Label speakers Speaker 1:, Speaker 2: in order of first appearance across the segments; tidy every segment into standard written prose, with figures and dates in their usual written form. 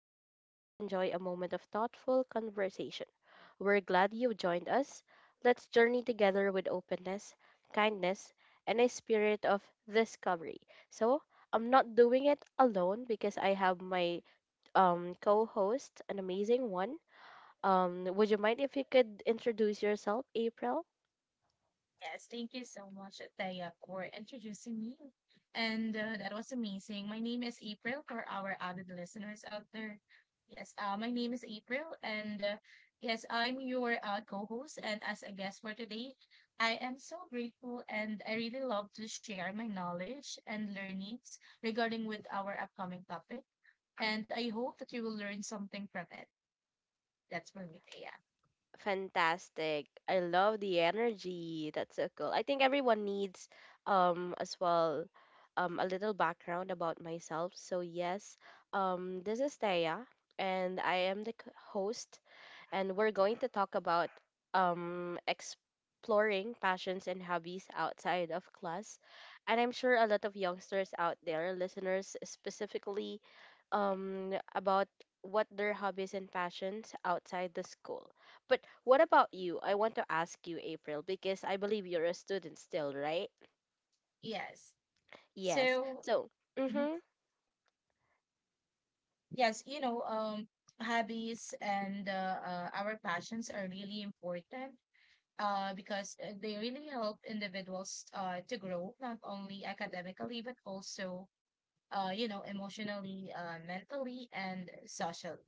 Speaker 1: or simply enjoy a moment of thoughtful conversation, we're glad you joined us. Let's journey together with openness, kindness, and a spirit of discovery. So, I'm not doing it alone because I have my co host, an amazing one. Would you mind if you could introduce yourself, April?
Speaker 2: Yes, thank you so much, Taya, for introducing me. And that was amazing. My name is April for our avid listeners out there. Yes, my name is April, and yes, I'm your co-host. And as a guest for today, I am so grateful, and I really love to share my knowledge and learnings regarding with our upcoming topic. And I hope that you will learn something from it. That's for me, Taya.
Speaker 1: Fantastic. I love the energy. That's so cool. I think everyone needs as well a little background about myself. So yes, this is Thea, and I am the host, and we're going to talk about exploring passions and hobbies outside of class. And I'm sure a lot of youngsters out there, listeners specifically, about what their hobbies and passions outside the school. But what about you? I want to ask you, April, because I believe you're a student still, right?
Speaker 2: Yes.
Speaker 1: Yes.
Speaker 2: So.
Speaker 1: So,
Speaker 2: Mm-hmm.
Speaker 1: mm-hmm,
Speaker 2: Yes, hobbies and our passions are really important because they really help individuals to grow, not only academically, but also, emotionally, mentally, and socially.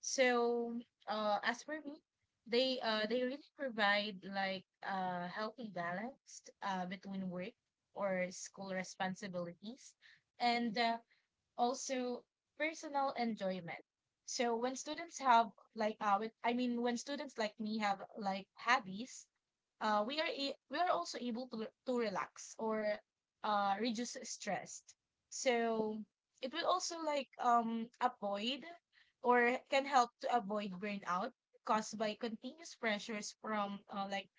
Speaker 2: So, as for me, they really provide like healthy balance between work or school responsibilities. And also personal enjoyment. So when students have like when, I mean when students like me have like hobbies, we are we are also able to relax or reduce stress. So it will also avoid or can help to avoid burnout caused by continuous pressures from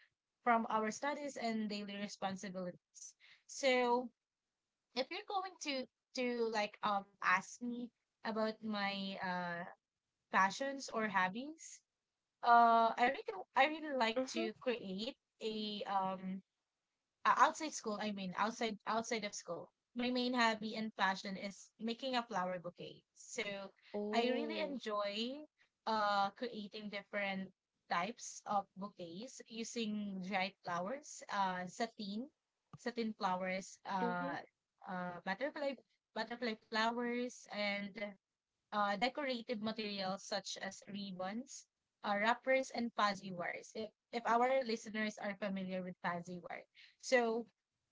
Speaker 2: from our studies and daily responsibilities. So if you're going to ask me about my passions or hobbies, I really like to
Speaker 1: mm-hmm.
Speaker 2: create a outside school, I mean, outside outside of school, my main hobby and passion is making a flower bouquet. So I really
Speaker 1: Oh,
Speaker 2: enjoy creating different types of bouquets using dried flowers, satin flowers,
Speaker 1: mm-hmm,
Speaker 2: uh butterfly butterfly flowers, and decorative materials such as ribbons, wrappers, and fuzzy wires. If our listeners are familiar with fuzzy wire. So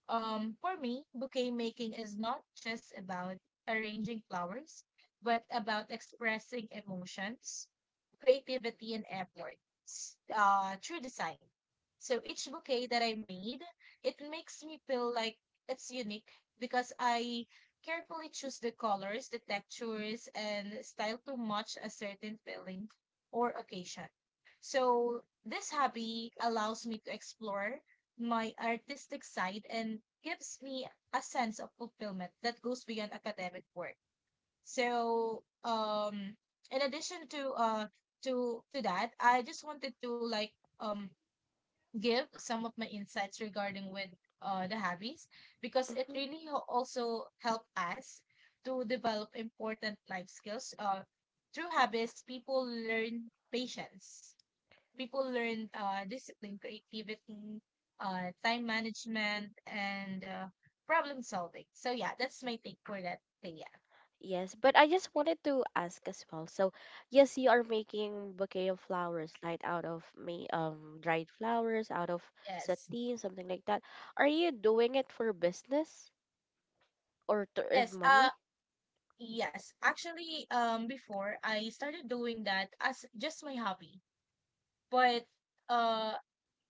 Speaker 2: for me, bouquet making is not just about arranging flowers, but about expressing emotions, creativity, and effort through design. So each bouquet that I made, it makes me feel like it's unique because I carefully choose the colors, the textures, and style to match a certain feeling or occasion. So this hobby allows me to explore my artistic side and gives me a sense of fulfillment that goes beyond academic work. So, in addition to that, I just wanted to um give some of my insights regarding with the hobbies because it
Speaker 1: mm-hmm.
Speaker 2: really also help us to develop important life skills. Through habits, people learn patience, people learned discipline, creativity, time management, and problem solving. So yeah, that's my take for that thing. Yeah.
Speaker 1: Yes, but I just wanted to ask as well. So, yes, you are making bouquet of flowers, right, out of me, dried flowers, out of
Speaker 2: Yes.
Speaker 1: sateen, something like that. Are you doing it for business or to earn
Speaker 2: Yes.
Speaker 1: money?
Speaker 2: Yes. Actually, before I started doing that as just my hobby, but uh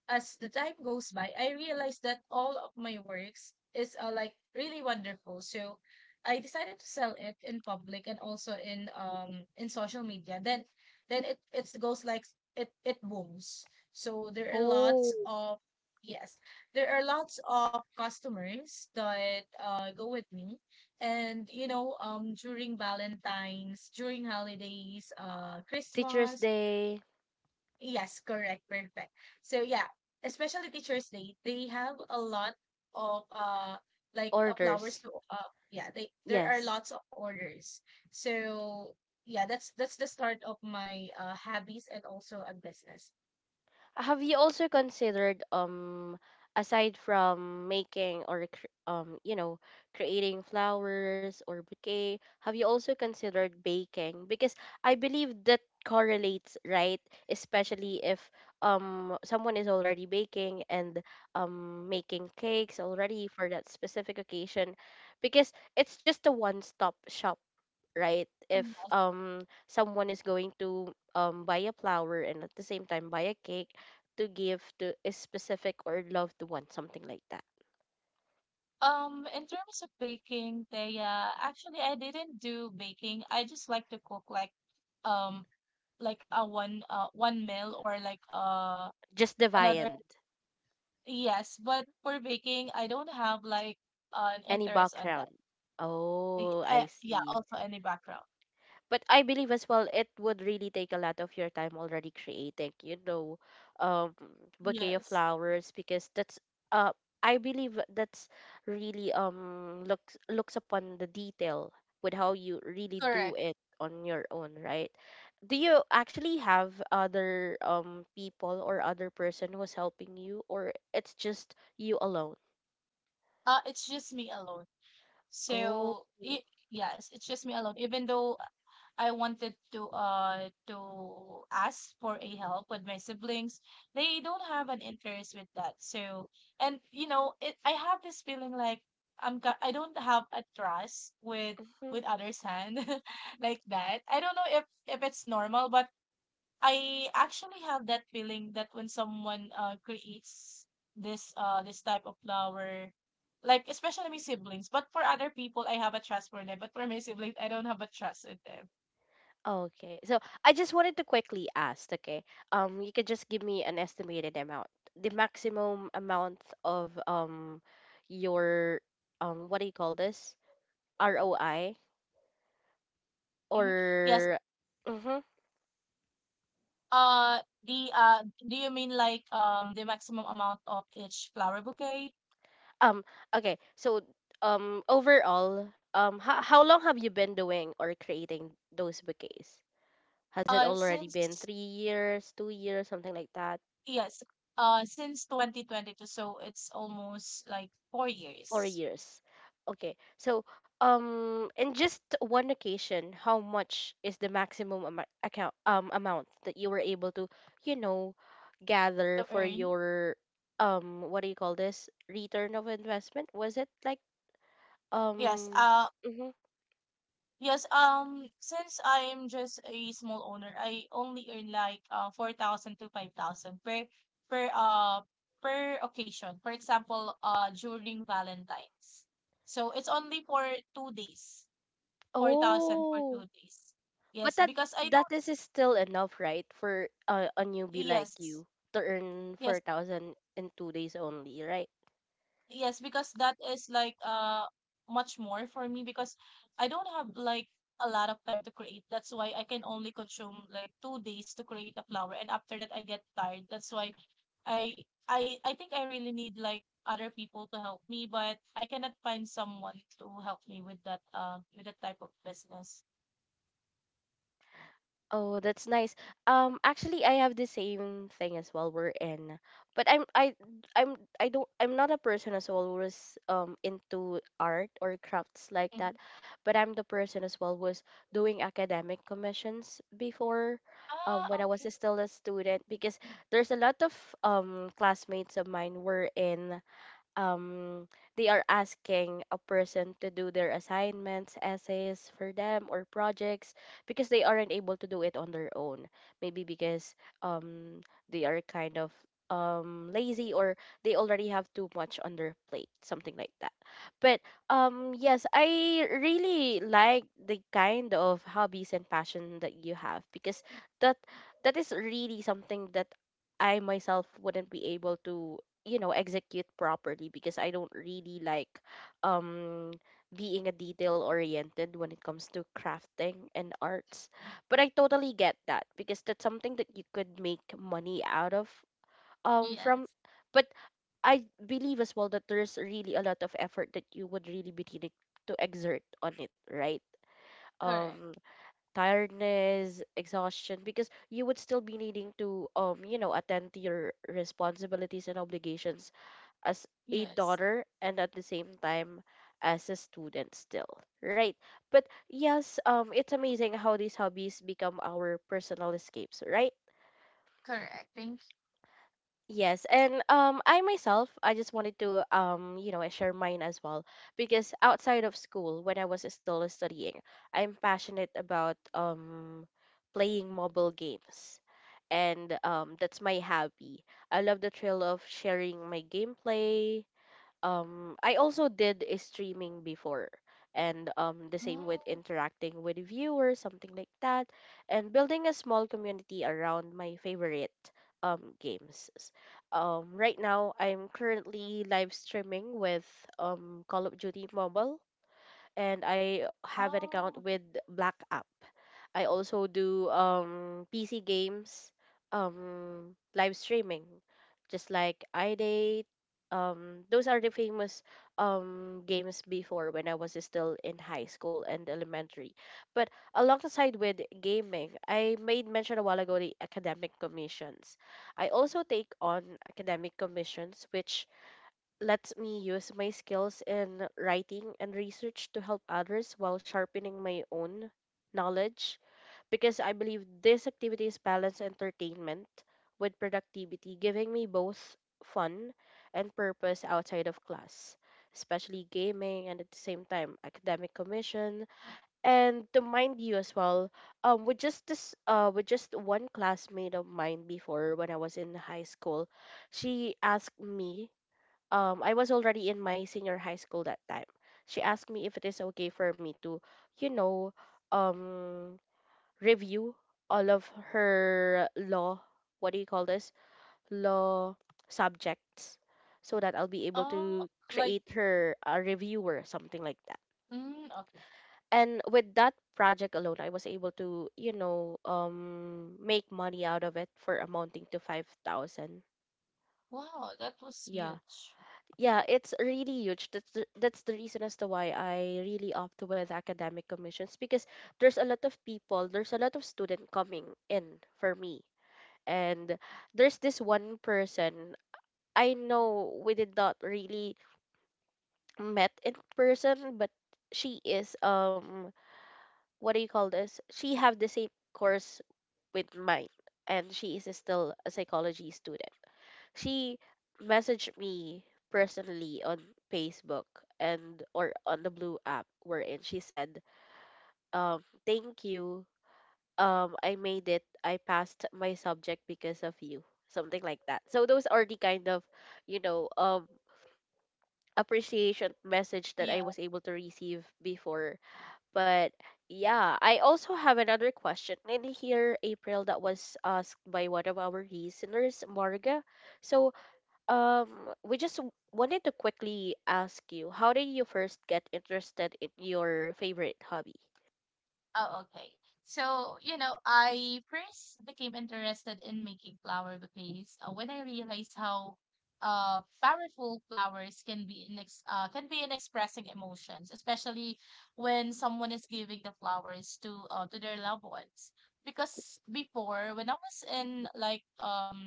Speaker 2: as the time goes by, I realized that all of my works is like really wonderful. So I decided to sell it in public and also in social media. Then it goes like it booms. So there are
Speaker 1: Oh,
Speaker 2: lots of, yes, there are lots of customers that go with me, and during Valentine's, during holidays,
Speaker 1: Teacher's
Speaker 2: Christmas.
Speaker 1: Day
Speaker 2: Yes, correct, perfect. So yeah, especially Teachers Day, they have a lot of flowers
Speaker 1: orders.
Speaker 2: to yeah, they there are
Speaker 1: Yes.
Speaker 2: lots of orders. So yeah, that's the start of my hobbies and also a business.
Speaker 1: Have you also considered aside from making or you know, creating flowers or bouquet, have you also considered baking? Because I believe that correlates, right? Especially if someone is already baking and making cakes already for that specific occasion, because it's just a one-stop shop, right? If
Speaker 2: Yes.
Speaker 1: someone is going to buy a flower and at the same time buy a cake to give to a specific or loved one, something like that.
Speaker 2: In terms of baking, they actually I didn't do baking. I just like to cook like um a one meal or like
Speaker 1: Just the
Speaker 2: another
Speaker 1: viand,
Speaker 2: Yes, but for baking, I don't have like an
Speaker 1: any
Speaker 2: interest on that.
Speaker 1: background. Oh, I
Speaker 2: Yeah,
Speaker 1: see.
Speaker 2: also any background.
Speaker 1: But I believe as well it would really take a lot of your time already creating, you know, um, bouquet of
Speaker 2: Yes,
Speaker 1: flowers, because that's uh I believe that's really looks looks upon the detail with how you really do
Speaker 2: correct.
Speaker 1: it on your own, right? Do you actually have other people or other person who's helping you, or it's just you alone?
Speaker 2: It's just me alone.
Speaker 1: Oh.
Speaker 2: So it, yes, it's just me alone. Even though I wanted to ask for a help with my siblings. They don't have an interest with that. So and you know, it I have this feeling like I don't have a trust with others hand like that. I don't know if it's normal, but I actually have that feeling that when someone creates this type of flower, like especially my siblings, but for other people I have a trust for them, but for my siblings I don't have a trust with them.
Speaker 1: Okay. So I just wanted to quickly ask, okay. You could just give me an estimated amount, the maximum amount of your what do you call this? ROI
Speaker 2: Mhm. Yes.
Speaker 1: or mm-hmm.
Speaker 2: Uh, the do you mean like the maximum amount of each flower bouquet?
Speaker 1: Um, okay. So overall, how long have you been doing or creating those bouquets? Has it
Speaker 2: Uh,
Speaker 1: already been
Speaker 2: since
Speaker 1: 3 years, 2 years, something like that?
Speaker 2: yes, since 2022, so it's almost like four
Speaker 1: Four
Speaker 2: years
Speaker 1: years. Okay. So, in just one occasion, how much is the maximum amount account amount that you were able to, you know, gather
Speaker 2: to
Speaker 1: for
Speaker 2: earn.
Speaker 1: your what do you call this? Return of investment? Was it like
Speaker 2: Yes.
Speaker 1: um mm-hmm.
Speaker 2: Yes. Since I'm just a small owner, I only earn like 4,000 to 5,000 per uh per occasion. For example, during Valentine's. So it's only for 2 days. 4,000 for
Speaker 1: Oh,
Speaker 2: 2 days.
Speaker 1: but
Speaker 2: Yes, because I
Speaker 1: that
Speaker 2: don't,
Speaker 1: is still enough, right? For a newbie like
Speaker 2: yes,
Speaker 1: you to earn
Speaker 2: yes,
Speaker 1: 4,000 in 2 days only, right?
Speaker 2: yes, because that is like much more for me because I don't have like a lot of time to create. That's why I can only consume like 2 days to create a flower and after that I get tired. That's why I I think I really need like other people to help me, but I cannot find someone to help me with that type of business.
Speaker 1: Oh, that's nice. Actually, I have the same thing as well. We're in, but I'm I don't I'm not a person as well was into art or crafts like that,
Speaker 2: Mhm.
Speaker 1: but I'm the person as well was doing academic commissions before, when
Speaker 2: Ah,
Speaker 1: I was
Speaker 2: okay.
Speaker 1: still a student, because there's a lot of classmates of mine were in um, they are asking a person to do their assignments, essays for them, or projects because they aren't able to do it on their own. Maybe because um, they are kind of lazy, or they already have too much on their plate, something like that. But yes, I really like the kind of hobbies and passion that you have, because that that is really something that I myself wouldn't be able to, you know, execute properly because I don't really like um being a detail oriented when it comes to crafting and arts. But I totally get that, because that's something that you could make money out of,
Speaker 2: Yes,
Speaker 1: from. But I believe as well that there's really a lot of effort that you would really be needing to exert on it, right?
Speaker 2: correct.
Speaker 1: Um tiredness, exhaustion, because you would still be needing to, you know, attend to your responsibilities and obligations as a
Speaker 2: Yes.
Speaker 1: daughter, and at the same time as a student still, right? But yes, it's amazing how these hobbies become our personal escapes, right?
Speaker 2: Correct. Thank—
Speaker 1: Yes, and I myself, I just wanted to, you know, I share mine as well, because outside of school when I was still studying, I'm passionate about playing mobile games, and that's my hobby. I love the thrill of sharing my gameplay. I also did a streaming before, and the same with
Speaker 2: Mm,
Speaker 1: interacting with viewers, something like that, and building a small community around my favorite games. Right now I'm currently live streaming with Call of Duty Mobile, and I have an
Speaker 2: oh,
Speaker 1: account with Black App. I also do PC games, live streaming, just like iDate. Those are the famous games before when I was still in high school and elementary. But alongside with gaming, I made mention a while ago the academic commissions. I also take on academic commissions, which lets me use my skills in writing and research to help others while sharpening my own knowledge, because I believe these activities balance entertainment with productivity, giving me both fun and purpose outside of class, especially gaming and at the same time academic commission. And to mind you as well, with just this, with just one classmate of mine before when I was in high school, she asked me, I was already in my senior high school that time. She asked me if it is okay for me to, you know, um review all of her law, what do you call this, law subjects, so that I'll be able
Speaker 2: oh,
Speaker 1: to
Speaker 2: like,
Speaker 1: create her a reviewer, something like that.
Speaker 2: mm, okay.
Speaker 1: And with that project alone, I was able to, you know, make money out of it for amounting to 5,000.
Speaker 2: Wow, that was
Speaker 1: Yeah,
Speaker 2: huge.
Speaker 1: yeah, it's really huge. That's the reason as to why I really opt with academic commissions, because there's a lot of student coming in for me. And there's this one person, I know we did not really met in person, but she is what do you call this? She have the same course with mine, and she is still a psychology student. She messaged me personally on Facebook, and or on the blue app, wherein she said, thank you, I made it, I passed my subject because of you, something like that. So those are the kind of, you know, appreciation message that I
Speaker 2: Yeah.
Speaker 1: was able to receive before. But yeah, I also have another question in here, April, that was asked by one of our listeners, Marga. So um we just wanted to quickly ask you, how did you first get interested in your favorite hobby?
Speaker 2: Oh, okay. So, you know, I first became interested in making flower bouquets when I realized how powerful flowers can be in ex can be in expressing emotions, especially when someone is giving the flowers to their loved ones. Because before, when I was in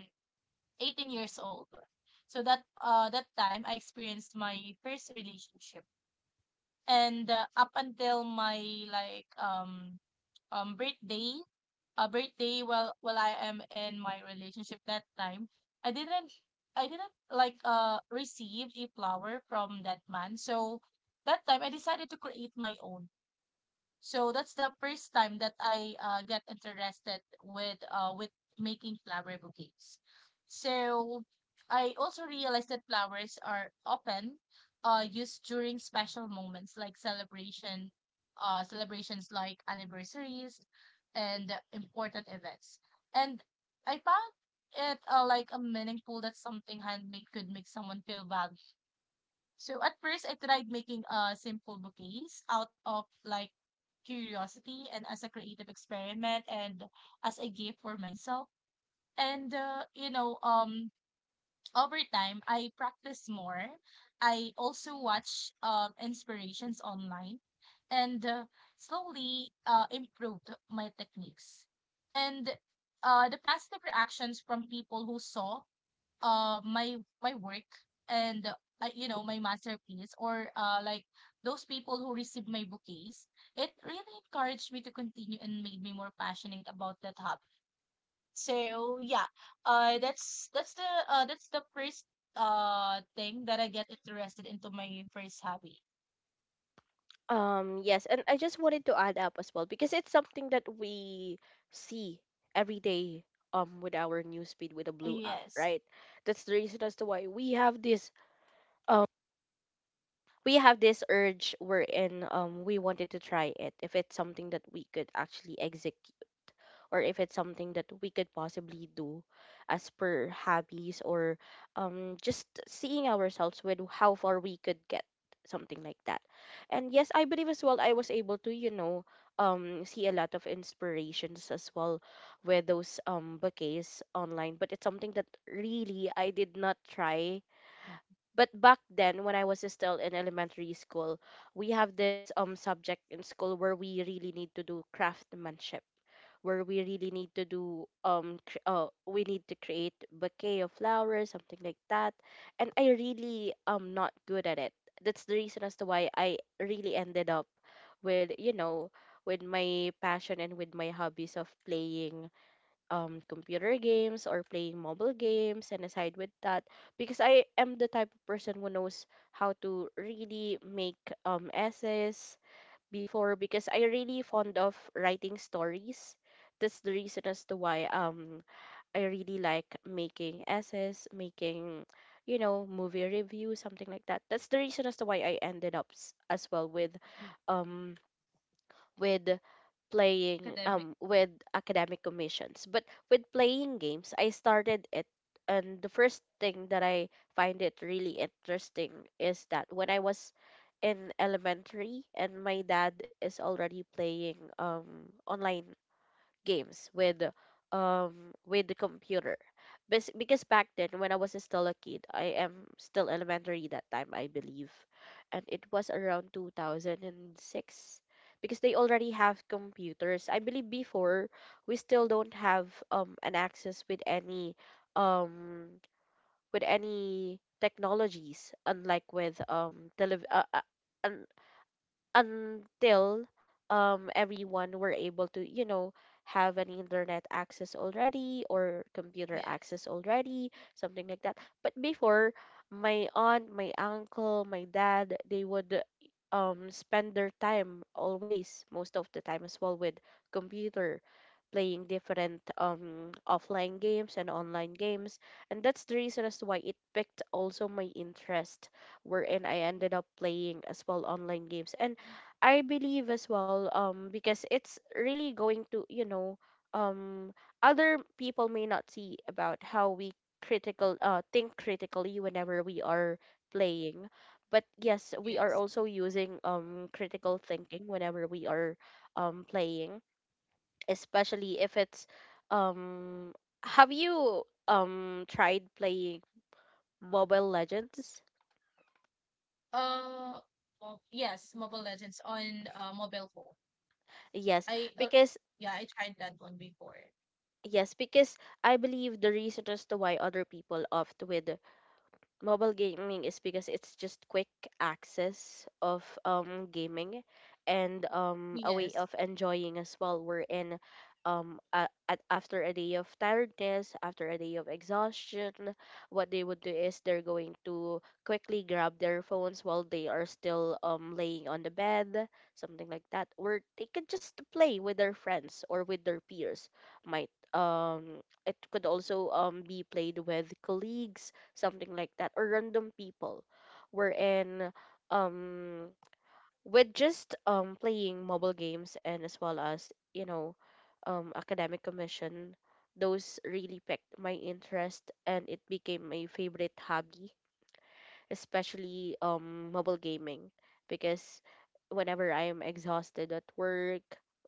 Speaker 2: 18 years old. So that that time I experienced my first relationship. And up until my like um birthday, birthday while I am in my relationship that time, I didn't I didn't like receive a flower from that man. So that time I decided to create my own. So that's the first time that I get interested with making flower bouquets. So I also realized that flowers are often used during special moments like celebrations like anniversaries and important events. And I found it like a meaningful that something handmade could make someone feel valued. So at first, I tried making a simple bouquets out of like curiosity and as a creative experiment and as a gift for myself. And over time, I practice more. I also watch inspirations online, and slowly improved my techniques. And the positive reactions from people who saw my work and you know my masterpiece or those people who received my bouquets, it really encouraged me to continue and made me more passionate about that hobby. So yeah, that's the first thing that I get interested into, my first hobby.
Speaker 1: Yes, and I just wanted to add up as well, because it's something that we see every day with our newsfeed with the blue app,
Speaker 2: Yes,
Speaker 1: right? That's the reason as to why we have this, um we have this urge wherein we wanted to try it if it's something that we could actually execute, or if it's something that we could possibly do as per hobbies, or just seeing ourselves with how far we could get, something like that. And yes, I believe as well, I was able to, you know, see a lot of inspirations as well with those, bouquets online. But it's something that really I did not try. But back then when I was still in elementary school, we have this subject in school where we really need to do craftsmanship, where we really need to do we need to create bouquet of flowers, something like that. And I really am not good at it. That's the reason as to why I really ended up with, you know, with my passion and with my hobbies of playing computer games or playing mobile games. And aside with that, because I am the type of person who knows how to really make essays before, because I really fond of writing stories. That's the reason as to why I really like making essays, making, you know, movie reviews, something like that. That's the reason as to why I ended up as well um with playing
Speaker 2: academic.
Speaker 1: with academic commissions. But with playing games, I started it, and the first thing that I find it really interesting is that when I was in elementary, and my dad is already playing online games with the computer. Because back then when I was still a kid, I am still elementary that time, I believe. And it was around 2006 because they already have computers. I believe before we still don't have an access um with any technologies, unlike with uh, until everyone were able to have an internet access already or computer
Speaker 2: Yes,
Speaker 1: access already, something like that. But before, my aunt, my uncle, my dad, they would spend their time always, most of the time as well, with computer, playing different offline games and online games. And that's the reason as to why it picked also my interest, wherein I ended up playing as well online games. And I believe as well, because it's really going to, um, other people may not see about how we think critically whenever we are playing. But yes, we
Speaker 2: yes,
Speaker 1: are also using critical thinking whenever we are playing, especially if it's um. Have you tried playing Mobile Legends?
Speaker 2: uh yes, mobile legends on mobile phone. I
Speaker 1: Yes, because
Speaker 2: yeah, I tried that one before.
Speaker 1: Yes, because I believe the reason as to why other people opt with mobile gaming is because it's just quick access of gaming, and a way
Speaker 2: Yes.
Speaker 1: of enjoying as well, we're in after a day of tiredness, after a day of exhaustion, what they would do is they're going to quickly grab their phones while they are still laying on the bed, something like that. Or they could just play with their friends or with their peers, might it could also be played with colleagues, something like that, or random people, wherein um with just playing mobile games, and as well as, academic commission, those really picked my interest and it became my favorite hobby, especially mobile gaming, because whenever I'm exhausted at work,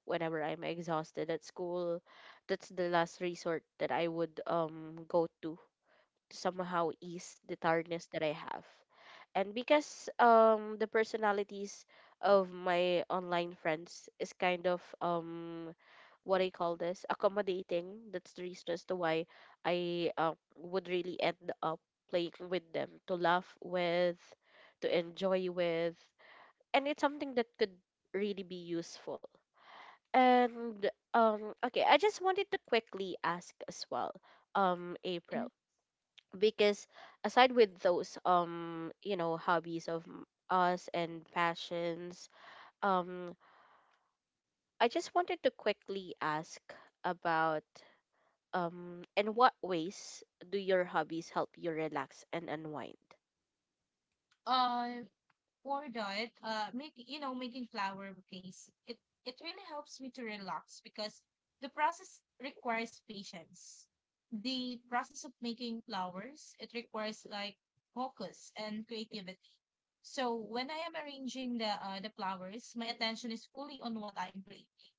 Speaker 1: whenever I'm exhausted at school, that's the last resort that I would go to, somehow ease the tiredness that I have. And because the personalities of my online friends is kind of what I call this, accommodating. That's the reason as to why I, would really end up playing with them, to laugh with, to enjoy with, and it's something that could really be useful. And okay, I just wanted to quickly ask as well,
Speaker 2: Mhm.
Speaker 1: April, because aside with those, hobbies of us and passions, um I just wanted to quickly ask about in what ways do your hobbies help you relax and unwind?
Speaker 2: Uh, for that, making flower bouquets, it really helps me to relax because the process requires patience. The process of making flowers, it requires like focus and creativity. So when I am arranging the flowers, my attention is fully on what I am creating,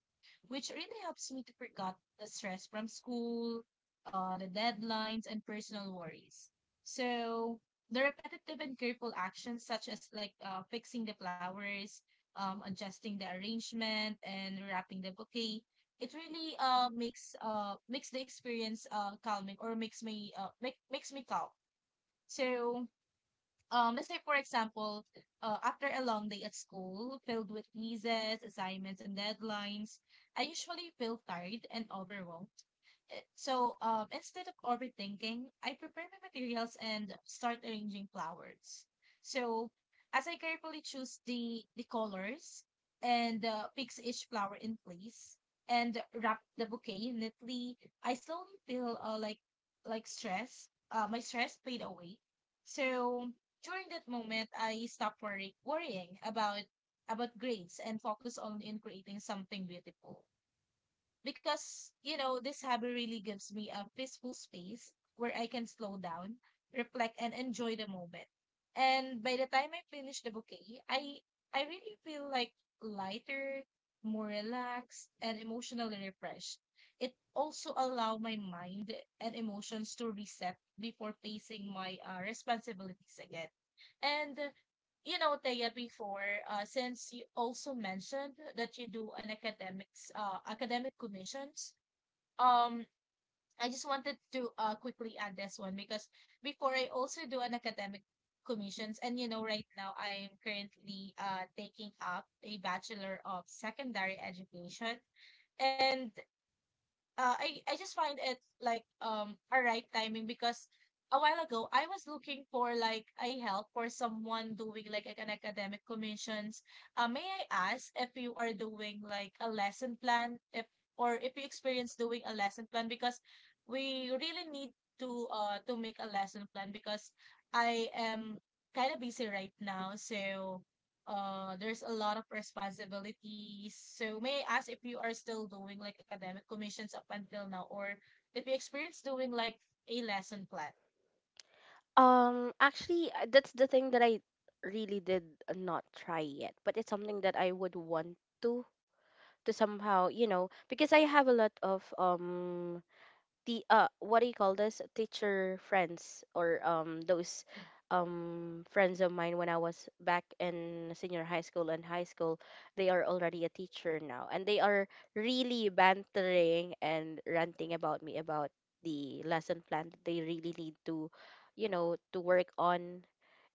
Speaker 2: which really helps me to forget the stress from school, the deadlines, and personal worries. So the repetitive and careful actions such as fixing the flowers, adjusting the arrangement, and wrapping the bouquet, it really makes the experience calming, or makes me makes me calm. So let's say for example, after a long day at school filled with quizzes, assignments, and deadlines, I usually feel tired and overwhelmed. So, instead of overthinking, I prepare my materials and start arranging flowers. So, as I carefully choose the colors and fix each flower in place and wrap the bouquet neatly, I slowly feel like stress. My stress fade away. So during that moment, I stopped worrying about grades and focus on in creating something beautiful, because you know this hobby really gives me a peaceful space where I can slow down, reflect, and enjoy the moment. And by the time I finish the bouquet, I really feel like lighter, more relaxed, and emotionally refreshed. It also allow my mind and emotions to reset before facing my responsibilities again. And you know, Thea, before, since you also mentioned that you do an academic commissions, um, I just wanted to quickly add this one because before I also do an academic commissions, and you know, right now I'm currently taking up a Bachelor of Secondary Education, and I just find it like a right timing because a while ago I was looking for like a help for someone doing like an academic commissions. May I ask if you are doing like a lesson plan if or if you experience doing a lesson plan because we really need to make a lesson plan because I am kind of busy right now, so there's a lot of responsibilities. So may I ask if you are still doing like academic commissions up until now or if you experience doing like a lesson plan?
Speaker 1: actually, that's the thing that I really did not try yet, but it's something that I would want to, somehow, you know, because I have a lot of the what do you call this, teacher friends, or those friends of mine when I was back in senior high school and high school. They are already a teacher now, and they are really bantering and ranting about me about the lesson plan that they really need to, you know, to work on,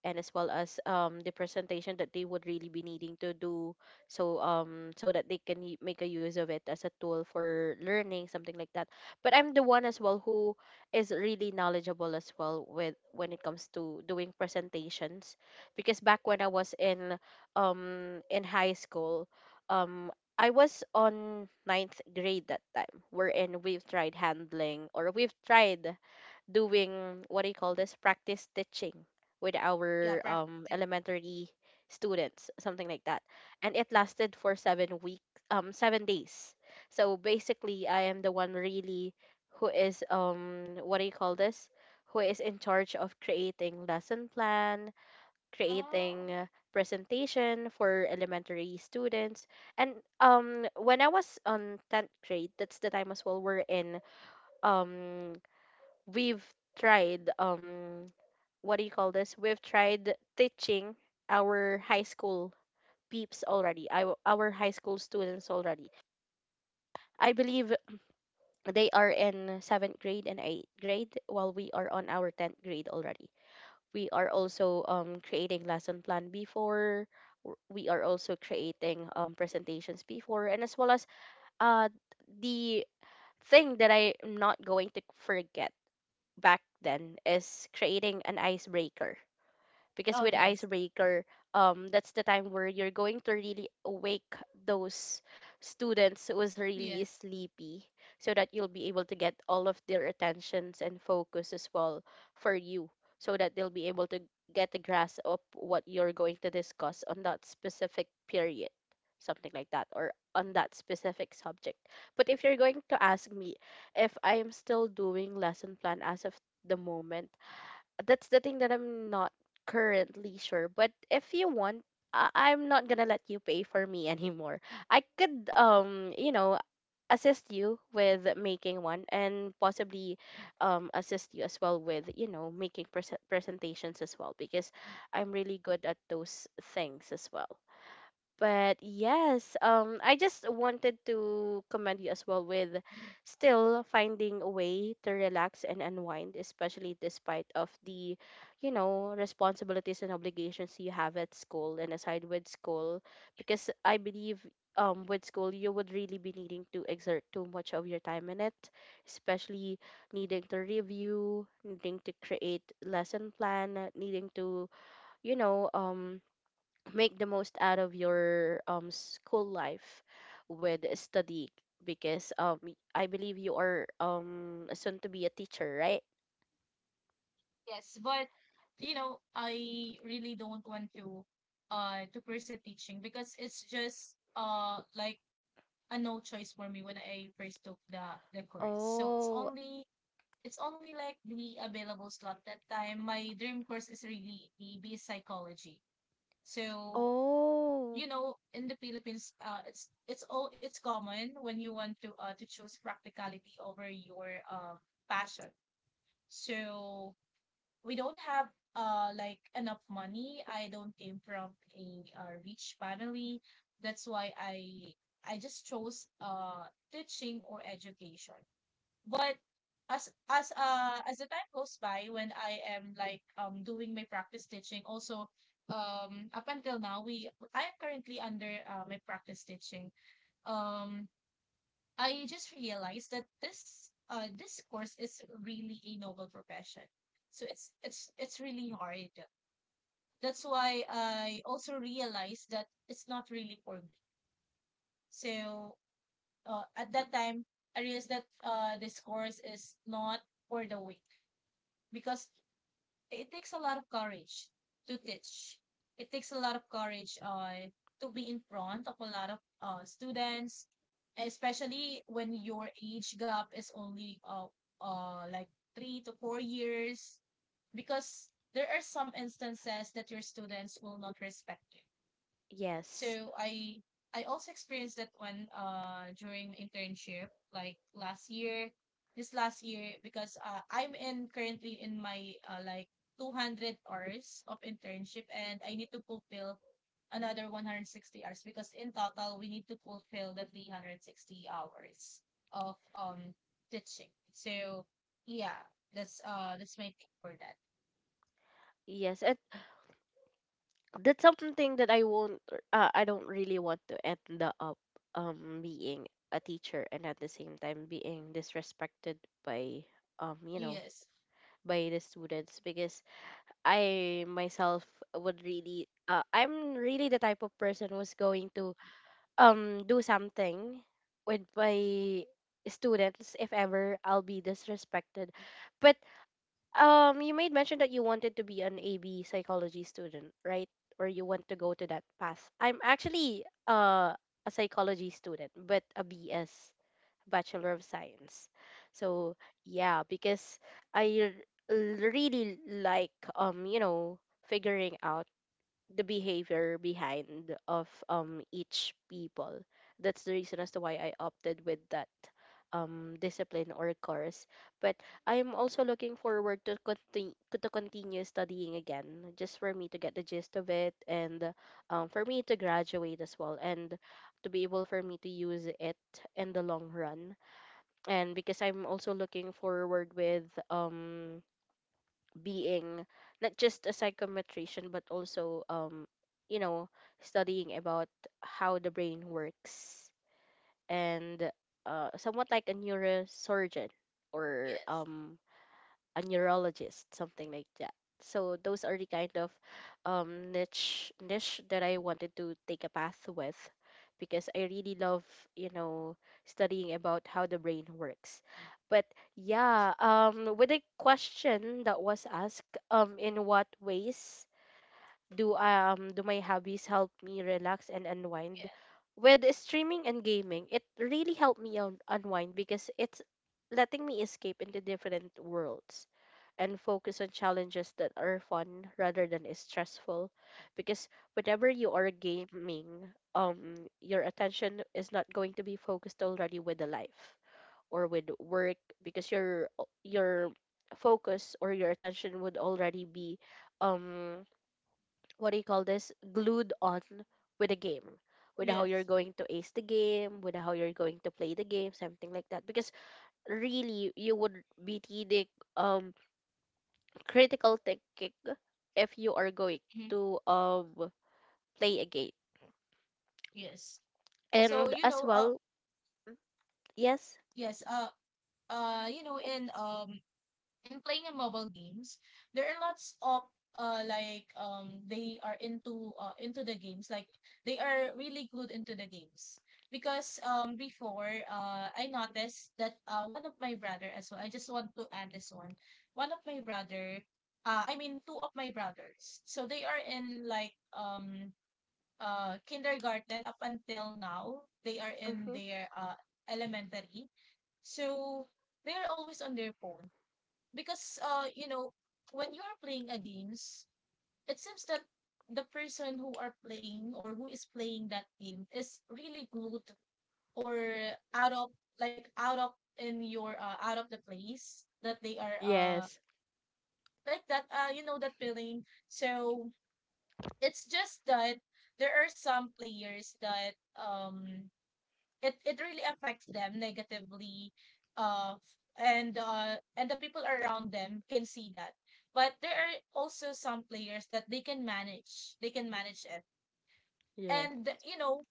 Speaker 1: and as well as, the presentation that they would really be needing to do. So so that they can make a use of it as a tool for learning, something like that. But I'm the one as well who is really knowledgeable as well with when it comes to doing presentations, because back when I was in high school, um I was on ninth grade that time, wherein we've tried handling, or we've tried doing what do you call this, practice stitching with
Speaker 2: Yeah,
Speaker 1: our,
Speaker 2: practice.
Speaker 1: elementary students, something like that. And it lasted for 7 weeks, 7 days. So basically, I am the one really who is, what do you call this, who is in charge of creating lesson plan,
Speaker 2: Oh,
Speaker 1: creating, presentation for elementary students. And when I was on 10th grade, that's the time as well, we're in um we've tried what do you call this? We've tried teaching our high school peeps already. Our high school students already. I believe they are in 7th grade and 8th grade while we are on our 10th grade already. We are also creating lesson plan before. We are also creating presentations before, and as well as uh the thing that I'm not going to forget back then is creating an icebreaker, because
Speaker 2: oh
Speaker 1: with
Speaker 2: yes.
Speaker 1: icebreaker, that's the time where you're going to really awake those students who was really
Speaker 2: Yeah.
Speaker 1: sleepy, so that you'll be able to get all of their attentions and focus as well for you, so that they'll be able to get a grasp of what you're going to discuss on that specific period, something like that, or on that specific subject. But if you're going to ask me if I'm still doing lesson plan as of the moment, that's the thing that I'm not currently sure. But if you want, I'm not gonna let you pay for me anymore. I could, you know, assist you with making one, and possibly, assist you as well with, you know, making presentations as well, because I'm really good at those things as well. But yes, I just wanted to commend you as well with still finding a way to relax and unwind, especially despite of the, you know, responsibilities and obligations you have at school and aside with school, because I believe with school you would really be needing to exert too much of your time in it, especially needing to review, needing to create lesson plan, needing to, you know, make the most out of your school life with study, because I believe you are soon to be a teacher, right?
Speaker 2: Yes, but you know, I really don't want to pursue teaching because it's just like a no choice for me when I first took the course. So
Speaker 1: Oh,
Speaker 2: it's only like the available slot that time. My dream course is really the EB psychology. So,
Speaker 1: oh,
Speaker 2: you know, in the Philippines, it's all it's common when you want to choose practicality over your passion. So we don't have like enough money. I don't came from a rich family. That's why I just chose teaching or education. But as the time goes by, when I am like doing my practice teaching, also up until now we I am currently under my practice teaching. Um, I just realized that this course is really a noble profession. So it's really hard. That's why I also realized that it's not really for me. So at that time, I realized that this course is not for the weak. Because it takes a lot of courage to teach. It takes a lot of courage to be in front of a lot of students, especially when your age gap is only like 3 to 4 years, because there are some instances that your students will not respect you.
Speaker 1: yes.
Speaker 2: So I also experienced that one during internship like last year. This last year because I'm in currently in my like 200 hours of internship, and I need to fulfill another 160 hours because in total we need to fulfill the 360 hours of teaching. So yeah, that's my take for that.
Speaker 1: Yes, and that's something that I won't, I don't really want to end up being a teacher and at the same time being disrespected by um you know
Speaker 2: Yes.
Speaker 1: by the students, because I myself would really, I'm really the type of person who's going to do something with my students if ever I'll be disrespected. But you made mention that you wanted to be an AB psychology student, right? Or you want to go to that path. I'm actually a psychology student, but a BS. Bachelor of Science. So yeah, because I really like, figuring out the behavior behind of each people. That's the reason as to why I opted with that discipline or course. But I'm also looking forward to continue studying again, just for me to get the gist of it, and for me to graduate as well, and to be able for me to use it in the long run. And because I'm also looking forward with being not just a psychometrician, but also you know studying about how the brain works, and somewhat like a neurosurgeon, or
Speaker 2: Yes.
Speaker 1: a neurologist, something like that. So those are the kind of niche that I wanted to take a path with, because I really love, you know, studying about how the brain works. But yeah, with a question that was asked, in what ways do my hobbies help me relax and unwind?
Speaker 2: Yes.
Speaker 1: With streaming and gaming, it really helped me unwind, because it's letting me escape into different worlds and focus on challenges that are fun rather than is stressful, because whenever you are gaming, your attention is not going to be focused already with the life or with work, because your your focus or your attention would already be, um what do you call this, glued on with the game, with how you're
Speaker 2: Yes.
Speaker 1: going to ace the game, with how you're going to play the game, something like that, because really you would be needing um critical thinking if you are going
Speaker 2: Mhm.
Speaker 1: to play a game.
Speaker 2: Yes. So,
Speaker 1: And
Speaker 2: you
Speaker 1: as
Speaker 2: know, uh,
Speaker 1: well, mm, yes.
Speaker 2: yes, you know, in playing in mobile games, there are lots of they are into the games, like they are really good into the games because before I noticed that one of my brother as well, I just want to add this one. One of my brother, I mean, two of my brothers, so they are in like kindergarten up until now. They are in
Speaker 1: Hmm.
Speaker 2: their elementary. So they're always on their phone because you know, when you are playing a games, it seems that the person who are playing or who is playing that game is really glued or out of like out of in your out of the place that they are
Speaker 1: Yes.
Speaker 2: like that you know, that feeling. So it's just that there are some players that it really affects them negatively, and the people around them can see that, but there are also some players that they can manage, they can manage it.
Speaker 1: Yes.
Speaker 2: And you know,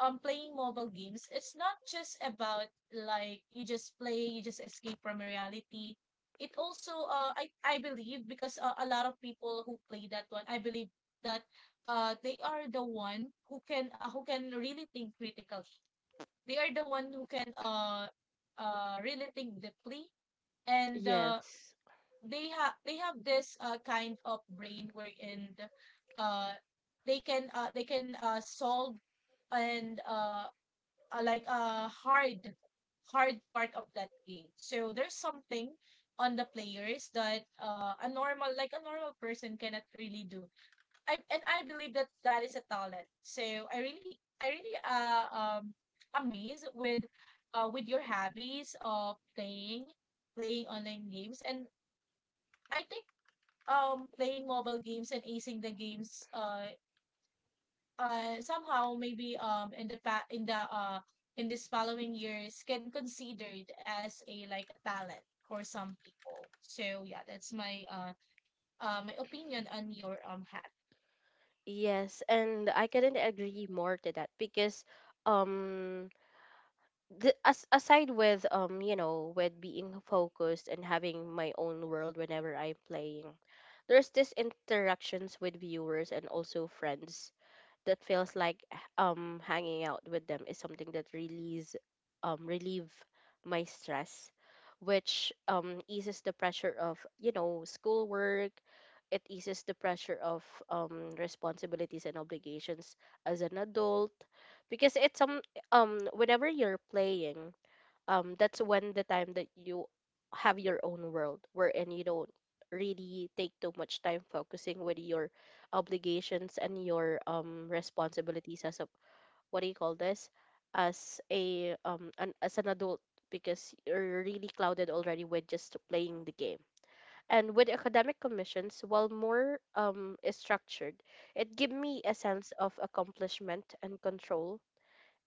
Speaker 2: playing mobile games, it's not just about like you just play, you just escape from reality. It also I believe because a lot of people who play that one, I believe that they are the one who can really think critically. They are the one who can really think deeply, and
Speaker 1: Yes.
Speaker 2: they have this kind of brain wherein uh they can solve and like a hard, hard part of that game. So there's something on the players that a normal, like a normal person, cannot really do. I and I believe that that is a talent. So I really amazed with your hobbies of playing, playing online games, and I think playing mobile games and acing the games somehow, maybe in the pa- in the in this following years, can considered as a like a talent for some people. So yeah, that's my my opinion on your hat.
Speaker 1: Yes, and I couldn't agree more to that because um as aside with with being focused and having my own world whenever I'm playing, there's this interactions with viewers and also friends that feels like hanging out with them is something that relieves relieve my stress, which eases the pressure of schoolwork. It eases the pressure of responsibilities and obligations as an adult, because it's whenever you're playing, that's when the time that you have your own world wherein you don't really take too much time focusing with your obligations and your responsibilities as a, what do you call this, as a as an adult, because you're really clouded already with just playing the game. And with academic commissions, while more is structured, it give me a sense of accomplishment and control.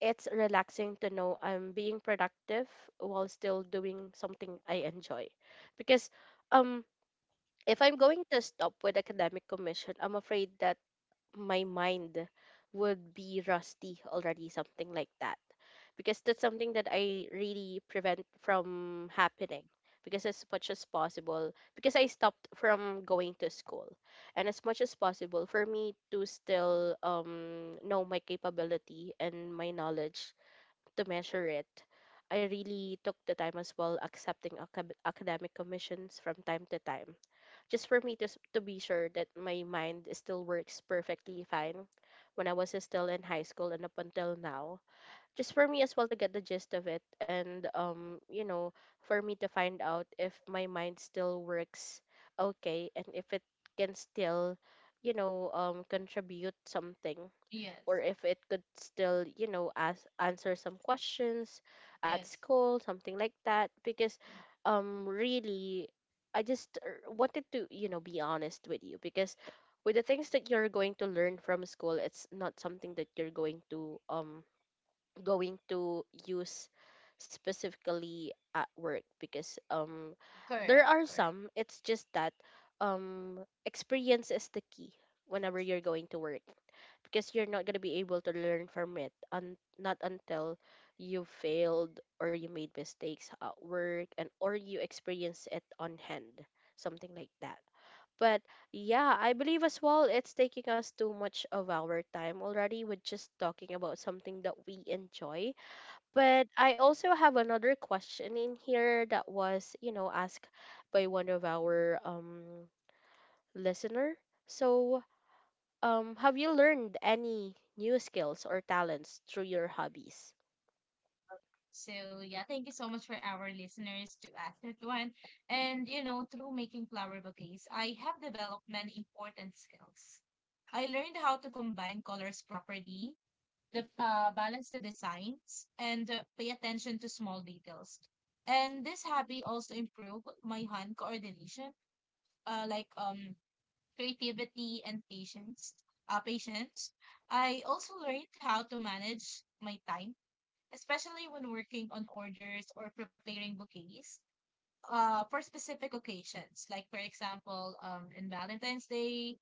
Speaker 1: It's relaxing to know I'm being productive while still doing something I enjoy. Because um if I'm going to stop with academic commission, I'm afraid that my mind would be rusty already, something like that. Because that's something that I really prevent from happening. Because as much as possible, because I stopped from going to school, and as much as possible for me to still, know my capability and my knowledge, to measure it. I really took the time as well, accepting academic commissions from time to time, just for me to, to be sure that my mind still works perfectly fine when I was still in high school and up until now. Just for me as well to get the gist of it, and for me to find out if my mind still works okay, and if it can still, contribute something,
Speaker 2: Yes.
Speaker 1: or if it could still, ask, answer some questions at
Speaker 2: Yes.
Speaker 1: school, something like that. Because, really, I just wanted to, be honest with you, because with the things that you're going to learn from school, it's not something that you're going to, going to use specifically at work, because, there
Speaker 2: Correct,
Speaker 1: are
Speaker 2: correct.
Speaker 1: some. It's just that, um, experience is the key whenever you're going to work, because you're not going to be able to learn from it, not until you failed or you made mistakes at work, and or you experience it on hand, something like that. But yeah, I believe as well it's taking us too much of our time already with just talking about something that we enjoy. But I also have another question in here that was, asked by one of our listener. So have you learned any new skills or talents through your hobbies?
Speaker 2: So yeah, thank you so much for our listeners to ask that one. And you know, through making flower bouquets, I have developed many important skills. I learned how to combine colors properly, the balance the designs, and pay attention to small details. And this hobby also improved my hand coordination, uh, like um creativity and patience. Patience. I also learned how to manage my time, especially when working on orders or preparing bouquets for specific occasions, like for example, in Valentine's Day,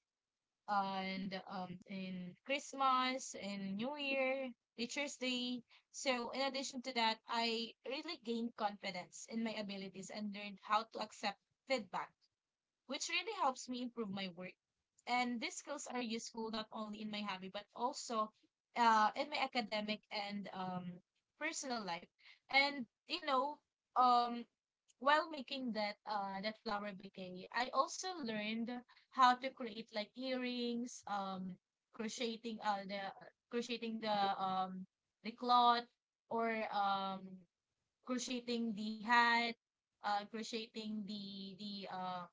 Speaker 2: and in Christmas, in New Year, Teacher's Day. So, in addition to that, I really gained confidence in my abilities and learned how to accept feedback, which really helps me improve my work. And these skills are useful not only in my hobby, but also in my academic and personal life. And, you know, um, while making that that flower bouquet, I also learned how to create like earrings, um, crocheting the crocheting the cloth or crocheting the hat, crocheting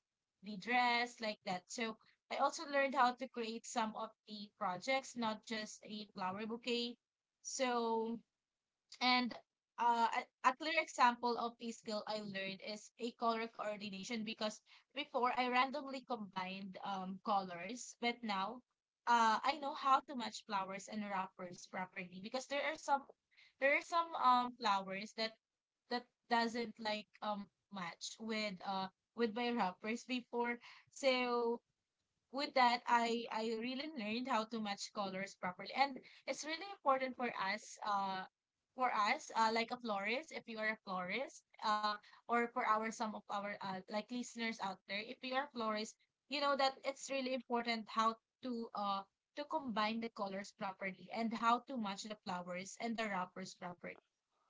Speaker 2: the dress like that. So I also learned how to create some of the projects, not just a flower bouquet. So and uh, a, a clear example of a skill I learned is a color coordination because before I randomly combined colors, but now I know how to match flowers and wrappers properly, because there are some flowers that that doesn't like match with my wrappers before. So with that, I really learned how to match colors properly, and it's really important for us, like a florist, if you are a florist, or for our some of our like listeners out there, if you are a florist, you know that it's really important how to uh to combine the colors properly and how to match the flowers and the wrappers properly,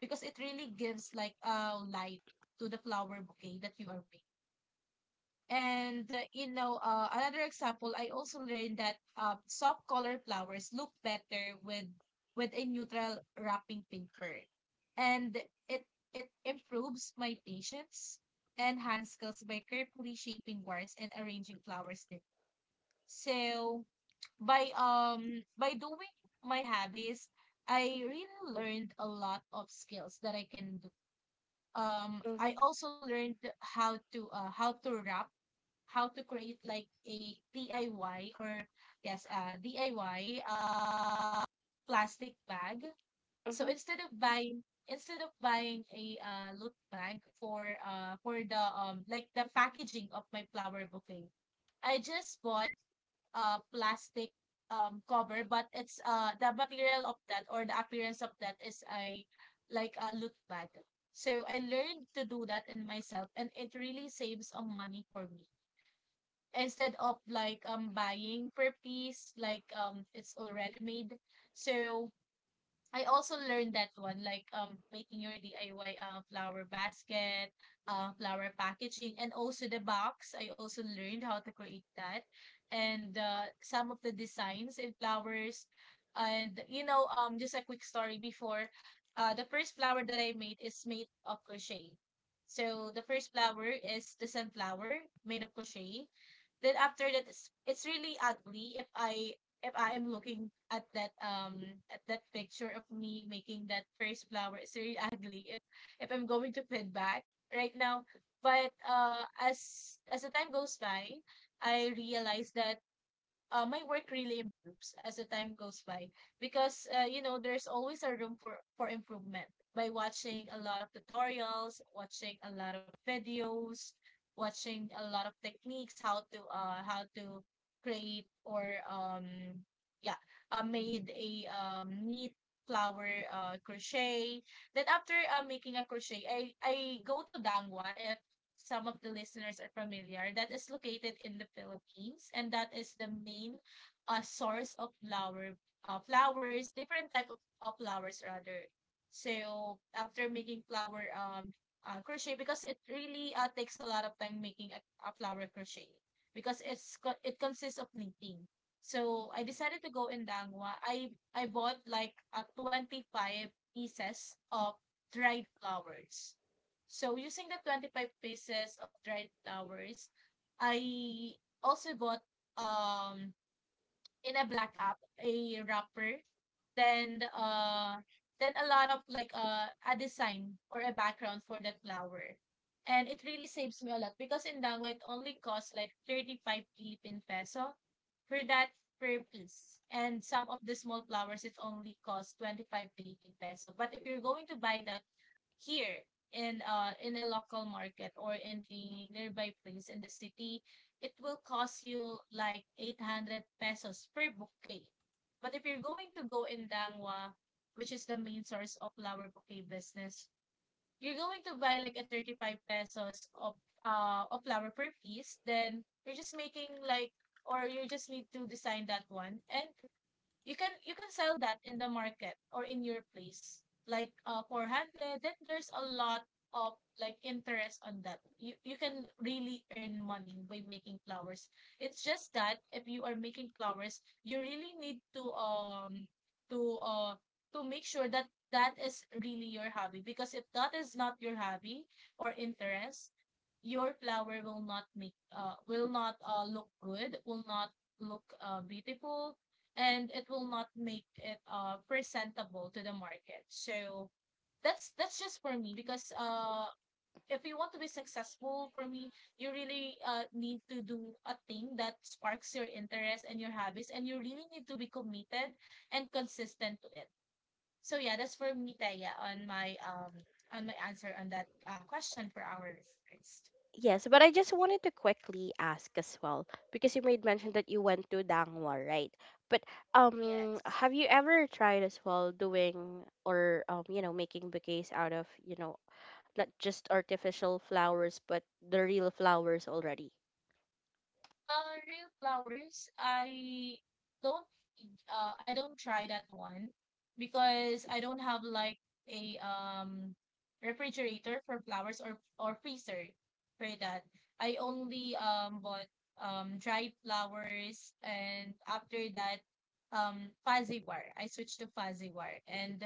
Speaker 2: because it really gives like a light to the flower bouquet that you are making. And you know, another example, I also learned that soft colored flowers look better with a neutral wrapping paper, and it it improves my patience and hand skills by carefully shaping wires and arranging flowers. Then, so by doing my hobbies, I really learned a lot of skills that I can do.
Speaker 1: Mm-hmm.
Speaker 2: I also learned how to wrap, how to create like a DIY, or yes, DIY plastic bag. So
Speaker 1: Mm-hmm.
Speaker 2: instead of buying a loot bag for the like the packaging of my flower bouquet, I just bought a plastic cover, but it's the material of that or the appearance of that is a like a loot bag. So I learned to do that in myself, and it really saves on money for me instead of like buying per piece like it's already made. So I also learned that one, like making your DIY flower basket, flower packaging, and also the box. I also learned how to create that, and some of the designs and flowers, and you know, just a quick story before, the first flower that I made is made of crochet. So the first flower is the sunflower made of crochet. Then after that, it's really ugly if I am looking at that picture of me making that first flower, it's really ugly. If I'm going to put back right now, but as the time goes by, I realize that my work really improves as the time goes by, because you know, there's always a room for improvement by watching a lot of tutorials, watching a lot of videos, watching a lot of techniques, how to create or um yeah, made a neat flower crochet. Then after making a crochet, I go to Dangwa, if some of the listeners are familiar, that is located in the Philippines, and that is the main source of flower, flowers, different type of flowers rather. So after making flower crochet, because it really takes a lot of time making a flower crochet, because it consists of knitting. So I decided to go in Dangwa. I bought like 25 pieces of dried flowers. So using the 25 pieces of dried flowers, I also bought um in a black app, a wrapper, then uh then a lot of a design or a background for that flower. And it really saves me a lot because in Dango it only costs like 35 Philippine peso for that per piece. And some of the small flowers it only costs 25 Philippine peso. But if you're going to buy that here in a local market or in a nearby place in the city, it will cost you like 800 pesos per bouquet. But if you're going to go in Dangwa, which is the main source of flower bouquet business, you're going to buy like a 35 pesos of flower per piece, then you're just making like or you just need to design that one, and you can sell that in the market or in your place like 400. Then there's a lot of like interest on that. You can really earn money by making flowers. It's just that if you are making flowers, you really need to to uh to make sure that that is really your hobby, because if that is not your hobby or interest, your flower will not make will not look good, will not look beautiful, and it will not make it presentable to the market. So that's just for me, because if you want to be successful, for me, you really need to do a thing that sparks your interest and your hobbies, and you really need to be committed and consistent to it. So yeah, that's for me, Taya, on my answer on that question for our first.
Speaker 1: Yes, but I just wanted to quickly ask as well, because you made mention that you went to Dangwa, right? But
Speaker 2: Yes.
Speaker 1: have you ever tried as well doing or, making bouquets out of, not just artificial flowers, but the real flowers already?
Speaker 2: Real flowers, don't I don't try that one because I don't have like a refrigerator for flowers, or freezer for that. I only bought dried flowers, and after that fuzzy war. I switched to fuzzy war, and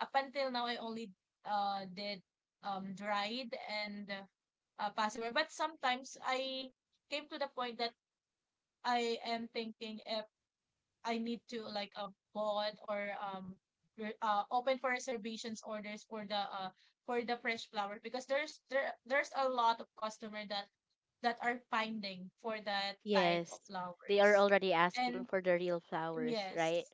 Speaker 2: up until now I only did dried and fuzzy war. But sometimes I came to the point that I am thinking if I need to like bought open for reservations orders for the fresh flower, because there's a lot of customer that that are finding for that type of
Speaker 1: Yes, they are
Speaker 2: flowers.
Speaker 1: already asking
Speaker 2: And
Speaker 1: for the real flowers, right?
Speaker 2: yes,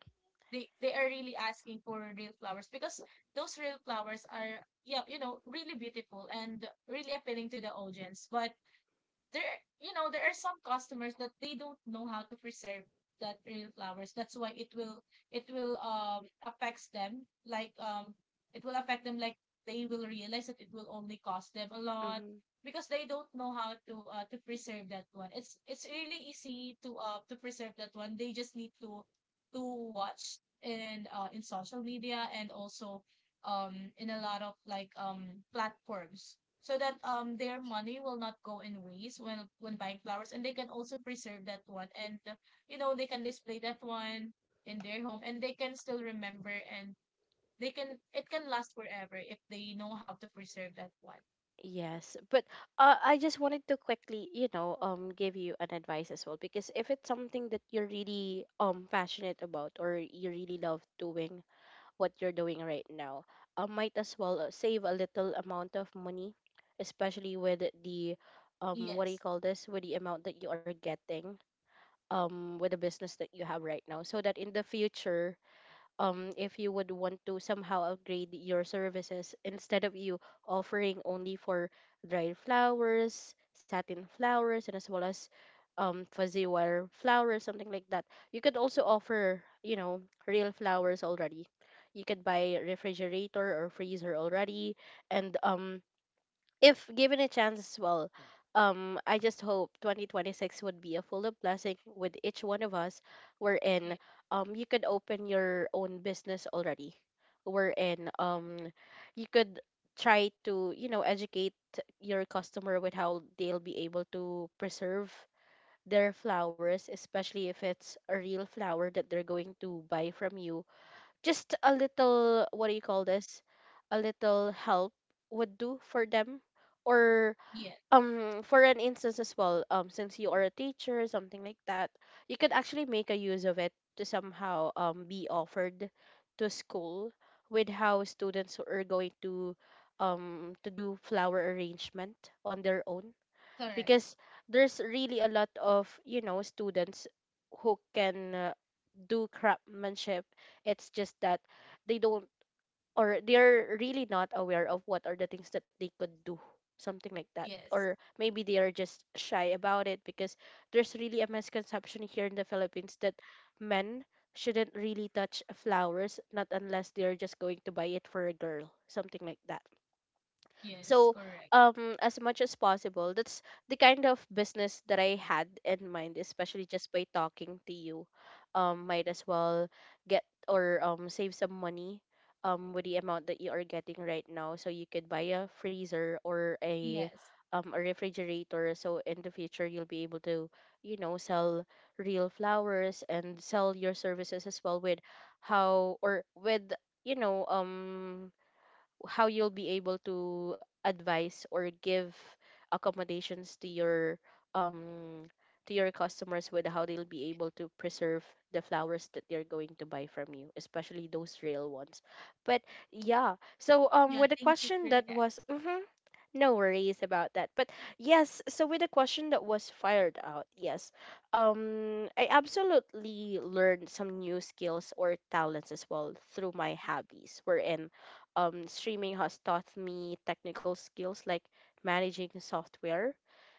Speaker 2: they are really asking for real flowers, because those real flowers are, yeah, you know, really beautiful and really appealing to the audience. But there, you know, there are some customers that they don't know how to preserve that real flowers, that's why it will affects them like it will affect them like they will realize that it will only cost them a lot,
Speaker 1: Mm-hmm.
Speaker 2: because they don't know how to preserve that one. It's really easy to preserve that one. They just need to watch in social media, and also in a lot of like platforms, so that their money will not go in waste when buying flowers, and they can also preserve that one. And you know, they can display that one in their home, and they can still remember, and they can, it can last forever if they know how to preserve that one.
Speaker 1: Yes, but I just wanted to quickly, give you an advice as well, because if it's something that you're really passionate about, or you really love doing, what you're doing right now. Might as well save a little amount of money, especially with the, what do you
Speaker 2: Yes.
Speaker 1: call this? With the amount that you are getting with the business that you have right now, so that in the future, if you would want to somehow upgrade your services instead of you offering only for dried flowers, satin flowers, and as well as fuzzy wire flowers, something like that. You could also offer, you know, real flowers already. You could buy refrigerator or freezer already, and if given a chance as well, I just hope 2026 would be a full of blessing with each one of us. Wherein,
Speaker 2: Yes.
Speaker 1: you could open your own business already. Wherein, you could try to, you know, educate your customer with how they'll be able to preserve their flowers, especially if it's a real flower that they're going to buy from you. Just a little, what do you call this, a little help would do for them. Or
Speaker 2: Yes.
Speaker 1: for an instance as well, since you are a teacher, something like that, you could
Speaker 2: Yes,
Speaker 1: actually make a use of it to somehow be offered to school, with how students are going to, to do flower arrangement on their own.
Speaker 2: correct.
Speaker 1: Because there's really a lot of, you know, students who can do craftsmanship. It's just that they don't, or they're really not aware of what are the things that they could do. Something like that. Or
Speaker 2: Yes.
Speaker 1: maybe they are just shy about it, because there's really a misconception here in the Philippines that men shouldn't really touch flowers, not unless they're just going to buy it for a girl. Something like that. So
Speaker 2: Yes, correct.
Speaker 1: as much as possible, that's the kind of business that I had in mind, especially just by talking to you. Might as well get or save some money, with the amount that you are getting right now, so you could buy a freezer or
Speaker 2: Yes.
Speaker 1: a refrigerator, so in the future you'll be able to, you know, sell real flowers and sell your services as well, with how or with, you know um how you'll be able to advise or give accommodations um to your customers, with how they'll be able to preserve the flowers that they're going to buy from you, especially those real ones. But yeah, so with
Speaker 2: Yeah,
Speaker 1: the
Speaker 2: thank you
Speaker 1: question
Speaker 2: for
Speaker 1: that
Speaker 2: that.
Speaker 1: was, mhm, no worries about that. But yes, so with the question that was fired out, yes, I absolutely learned some new skills or talents as well through my hobbies. Wherein, streaming has taught me technical skills like managing software,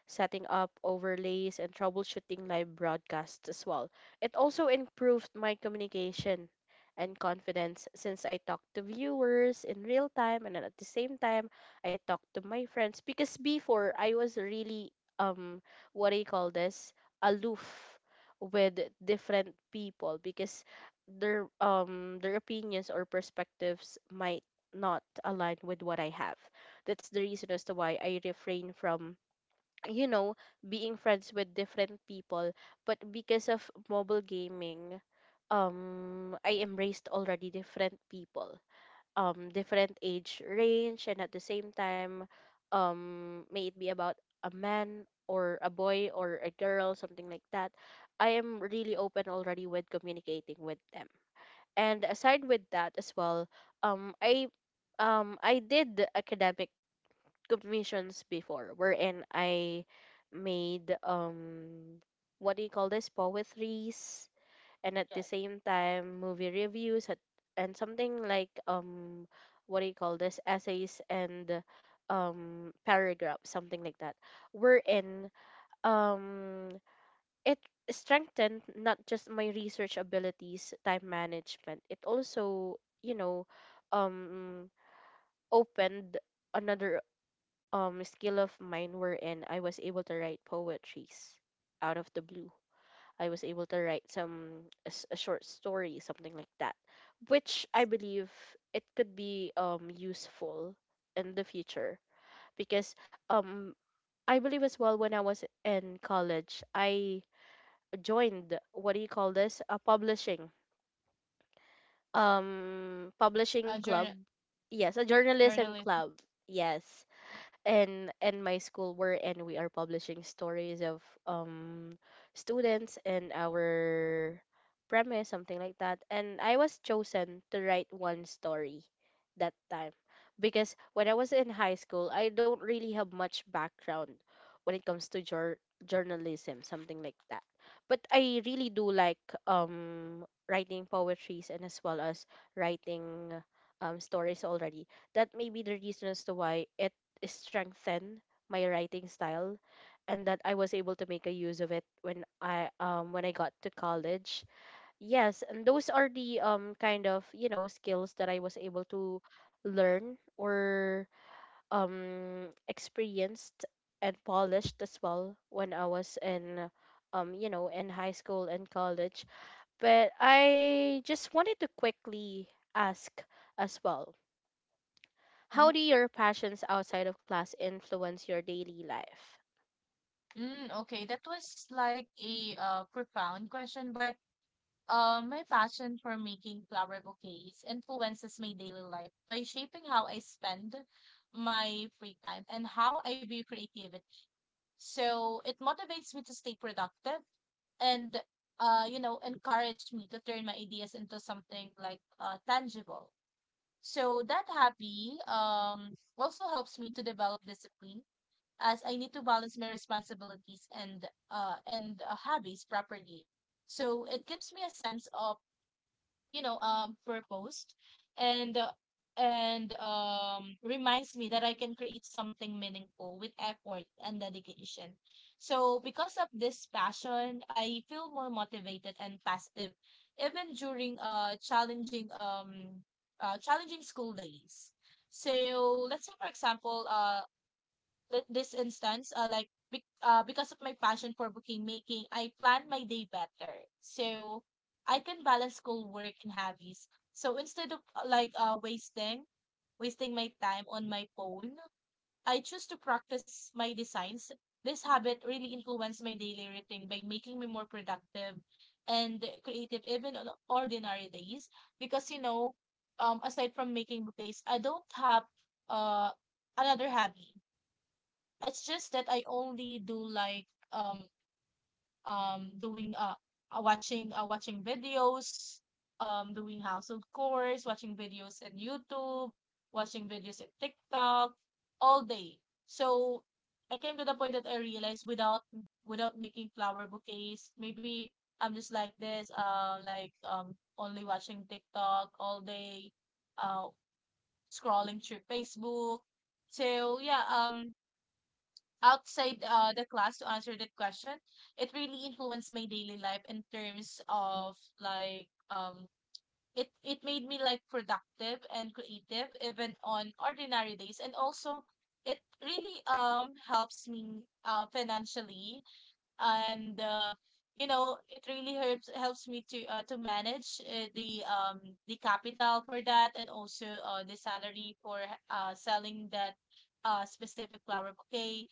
Speaker 1: setting up overlays, and troubleshooting live broadcasts as well. It also improved my communication and confidence, since I talk to viewers in real time and then at the same time I talk to my friends. Because before I was really, um what do you call this, aloof with different people, because their, their opinions or perspectives might not align with what I have. That's the reason as to why I refrain from, you know, being friends with different people. But because of mobile gaming, I embraced already different people, different age range, and at the same time, may it be about a man or a boy or a girl, something like that, I am really open already with communicating with them. And aside with that as well, um i I did academic commissions before, wherein I made, what do you call this, poetries, and at the
Speaker 2: Yes.
Speaker 1: same time movie reviews at, and something like, what do you call this, essays and paragraphs, something like that, wherein um it strengthened not just my research abilities, time management, it also, you know, um opened another skill of mine, wherein I was able to write poetries out of the blue. I was able to write some a short story, something like that, which I believe it could be useful in the future, because um I believe as well when I was in college I joined, what do you call this, a publishing publishing
Speaker 2: Journal.
Speaker 1: club. Yes, a journalism
Speaker 2: Journalism.
Speaker 1: club. Yes, and my school were, and we are publishing stories of students and our premise, something like that, and I was chosen to write one story that time, because when I was in high school I don't really have much background when it comes to journalism, something like that. But I really do like writing poetries, and as well as writing stories already. That may be the reason as to why it strengthen my writing style, and that I was able to make a use of it when I, when I got to college. Yes, and those are the kind of, you know, skills that I was able to learn or experienced and polished as well when I was in, you know, in high school and college. But I just wanted to quickly ask as well. How
Speaker 2: Mhm.
Speaker 1: do your passions outside of class influence your daily life?
Speaker 2: Okay, that was like a profound question, but my passion for making flower bouquets influences my daily life by shaping how I spend my free time and how I view creativity. So it motivates me to stay productive and, you know, encourage me to turn my ideas into something tangible. So that hobby also helps me to develop discipline, as I need to balance my responsibilities and hobbies properly. So it gives me a sense of, you know, purposed and reminds me that I can create something meaningful with effort and dedication. So because of this passion, I feel more motivated and positive even during challenging school days. So let's say for example, this instance, because of my passion for booking making, I plan my day better. So I can balance school, work, and hobbies. So instead of wasting my time on my phone, I choose to practice my designs. This habit really influenced my daily routine by making me more productive and creative, even on ordinary days. Because you know, aside from making bouquets, I don't have uh another hobby. It's just that I only do like um doing watching watching videos, doing household chores, watching videos in YouTube, watching videos in TikTok all day. So I came to the point that I realized without without making flower bouquets, maybe I'm just like this, only watching TikTok all day, uh scrolling through Facebook. So yeah, outside the class, to answer that question, it really influenced my daily life in terms of like it it made me like productive and creative even on ordinary days, and also it really helps me financially, and you know it really helps me to manage the capital for that, and also the salary for selling that specific flower bouquet.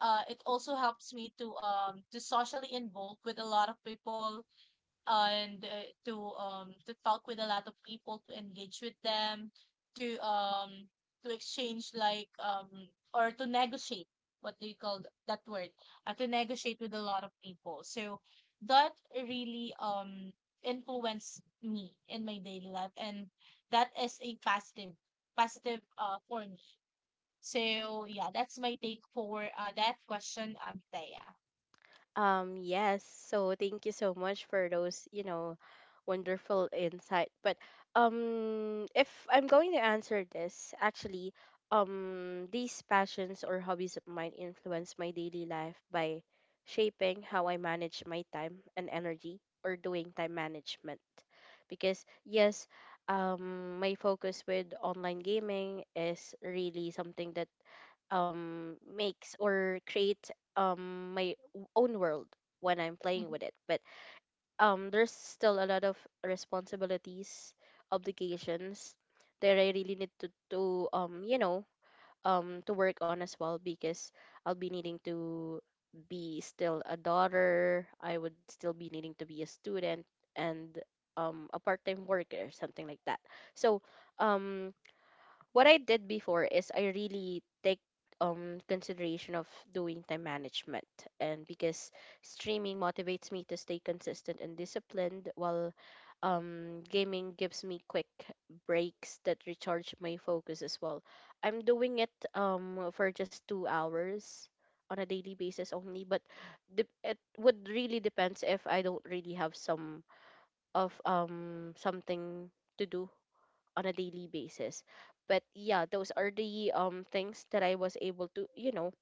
Speaker 2: It also helps me to socially involve with a lot of people, and to talk with a lot of people, to engage with them, to um to exchange or to negotiate, what do you call that word, to negotiate with a lot of people. So that really influenced me in my daily life, and that is a positive, positive for me. So yeah, that's my take for that question, Amitea.
Speaker 1: Yes. So thank you so much for those, you know, wonderful insight. But if I'm going to answer this, actually, these passions or hobbies of mine influence my daily life by shaping how I manage my time and energy, or doing time management. Because yes, my focus with online gaming is really something that makes or create my own world when I'm playing with
Speaker 2: Mhm.
Speaker 1: it. But there's still a lot of responsibilities, obligations that I really need to, you know, to work on as well, because I'll be needing to be still a daughter, I would still be needing to be a student and a part-time worker, something like that. So, um what I did before is I really take consideration of doing time management, and because streaming motivates me to stay consistent and disciplined, while gaming gives me quick breaks that recharge my focus as well. I'm doing it for just 2 hours on a daily basis only, but it would really depends if I don't really have some of, something to do on a daily basis. But yeah, those are the things that I was able to, you know,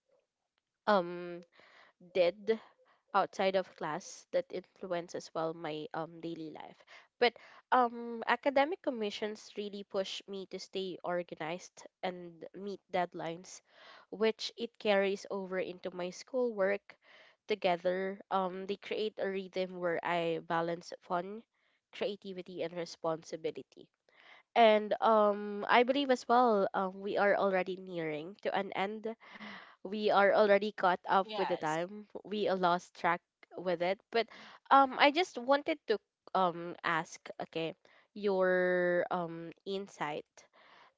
Speaker 1: um did outside of class that influence as well my daily life. But academic commissions really push me to stay organized and meet deadlines, which it carries over into my schoolwork together. They create a rhythm where I balance fun, creativity and responsibility. And I believe as well, we are already nearing to an end. We are already caught up with the
Speaker 2: Yes.
Speaker 1: time. We lost track with it. But I just wanted to ask, okay, your insight,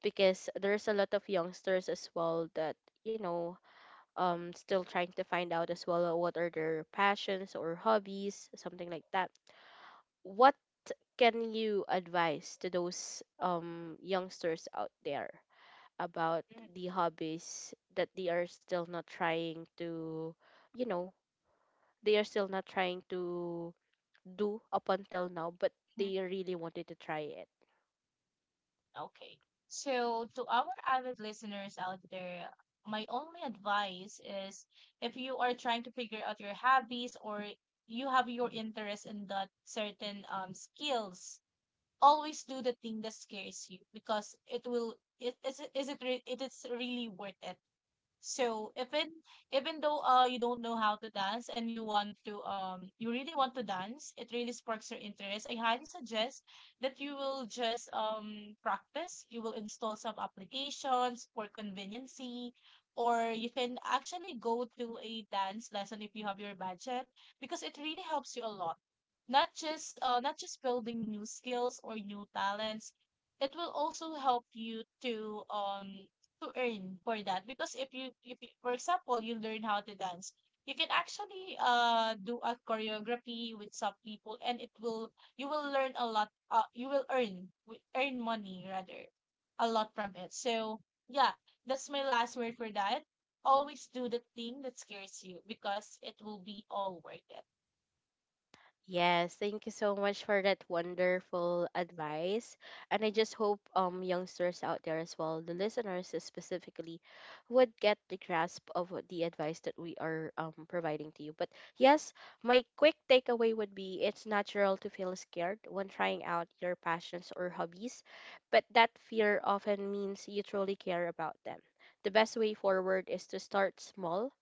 Speaker 1: because there's a lot of youngsters as well that, you know, still trying to find out as well, what are their passions or hobbies, something like that. What can you advise to those youngsters out there about the hobbies that they are still not trying to, you know, they are still not trying to do up until now, but
Speaker 2: Mhm.
Speaker 1: they really wanted to try it?
Speaker 2: Okay. So, to our avid listeners out there, my only advice is, if you are trying to figure out your hobbies or you have your interest in that certain skills, always do the thing that scares you, because it will, it is really worth it. So even even though you don't know how to dance and you want to you really want to dance, it really sparks your interest. I highly suggest that you will just practice. You will install some applications for conveniency, or you can actually go to a dance lesson if you have your budget, because it really helps you a lot. Not just not just building new skills or new talents, it will also help you to earn for that. Because if you for example, you learn how to dance, you can actually do a choreography with some people, and it will, you will learn a lot you will earn money rather, a lot from it. So yeah, that's my last word for that. Always do the thing that scares you, because it will be all worth it.
Speaker 1: Yes, thank you so much for that wonderful advice. And I just hope youngsters out there as well, the listeners specifically, would get the grasp of what the advice that we are providing to you. But yes, my quick takeaway would be, it's natural to feel scared when trying out your passions or hobbies, but that fear often means you truly care about them. The best way forward is to start small.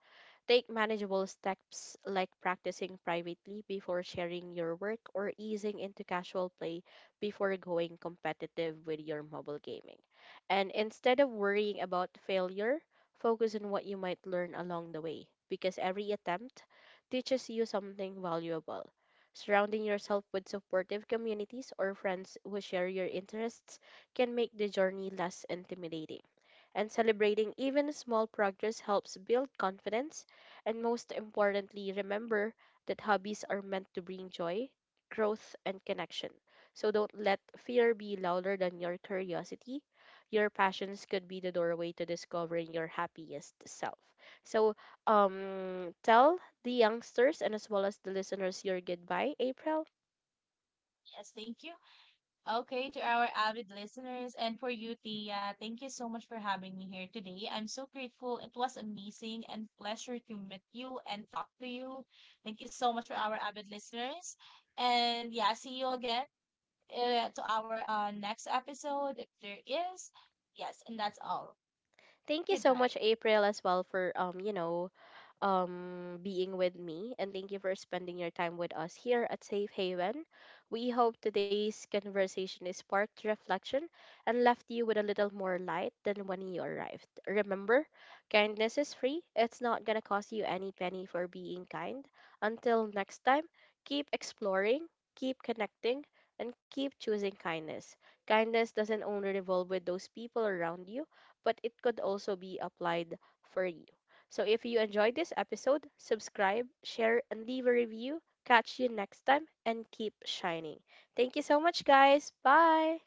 Speaker 1: Take manageable steps, like practicing privately before sharing your work, or easing into casual play before going competitive with your mobile gaming. And instead of worrying about failure, focus on what you might learn along the way, because every attempt teaches you something valuable. Surrounding yourself with supportive communities or friends who share your interests can make the journey less intimidating, and celebrating even small progress helps build confidence. And most importantly, remember that hobbies are meant to bring joy, growth, and connection. So don't let fear be louder than your curiosity. Your passions could be the doorway to discovering your happiest self. So, tell the youngsters and as well as the listeners your goodbye, April.
Speaker 2: Yes, thank you. Okay, to our avid listeners and for you, Tia, thank you so much for having me here today. I'm so grateful. It was amazing and pleasure to meet you and talk to you. Thank you so much for our avid listeners. And yeah, see you again, to our next episode if there is. Yes, and that's all.
Speaker 1: Thank you so much,
Speaker 2: Goodbye.
Speaker 1: April, as well for, you know, being with me, and thank you for spending your time with us here at Safe Haven. We hope today's conversation is sparked reflection and left you with a little more light than when you arrived. Remember, kindness is free, it's not gonna cost you any penny for being kind. Until next time, keep exploring, keep connecting, and keep choosing kindness. Kindness doesn't only revolve with those people around you, but it could also be applied for you. So if you enjoyed this episode, subscribe, share, and leave a review. Catch you next time and keep shining. Thank you so much, guys. Bye.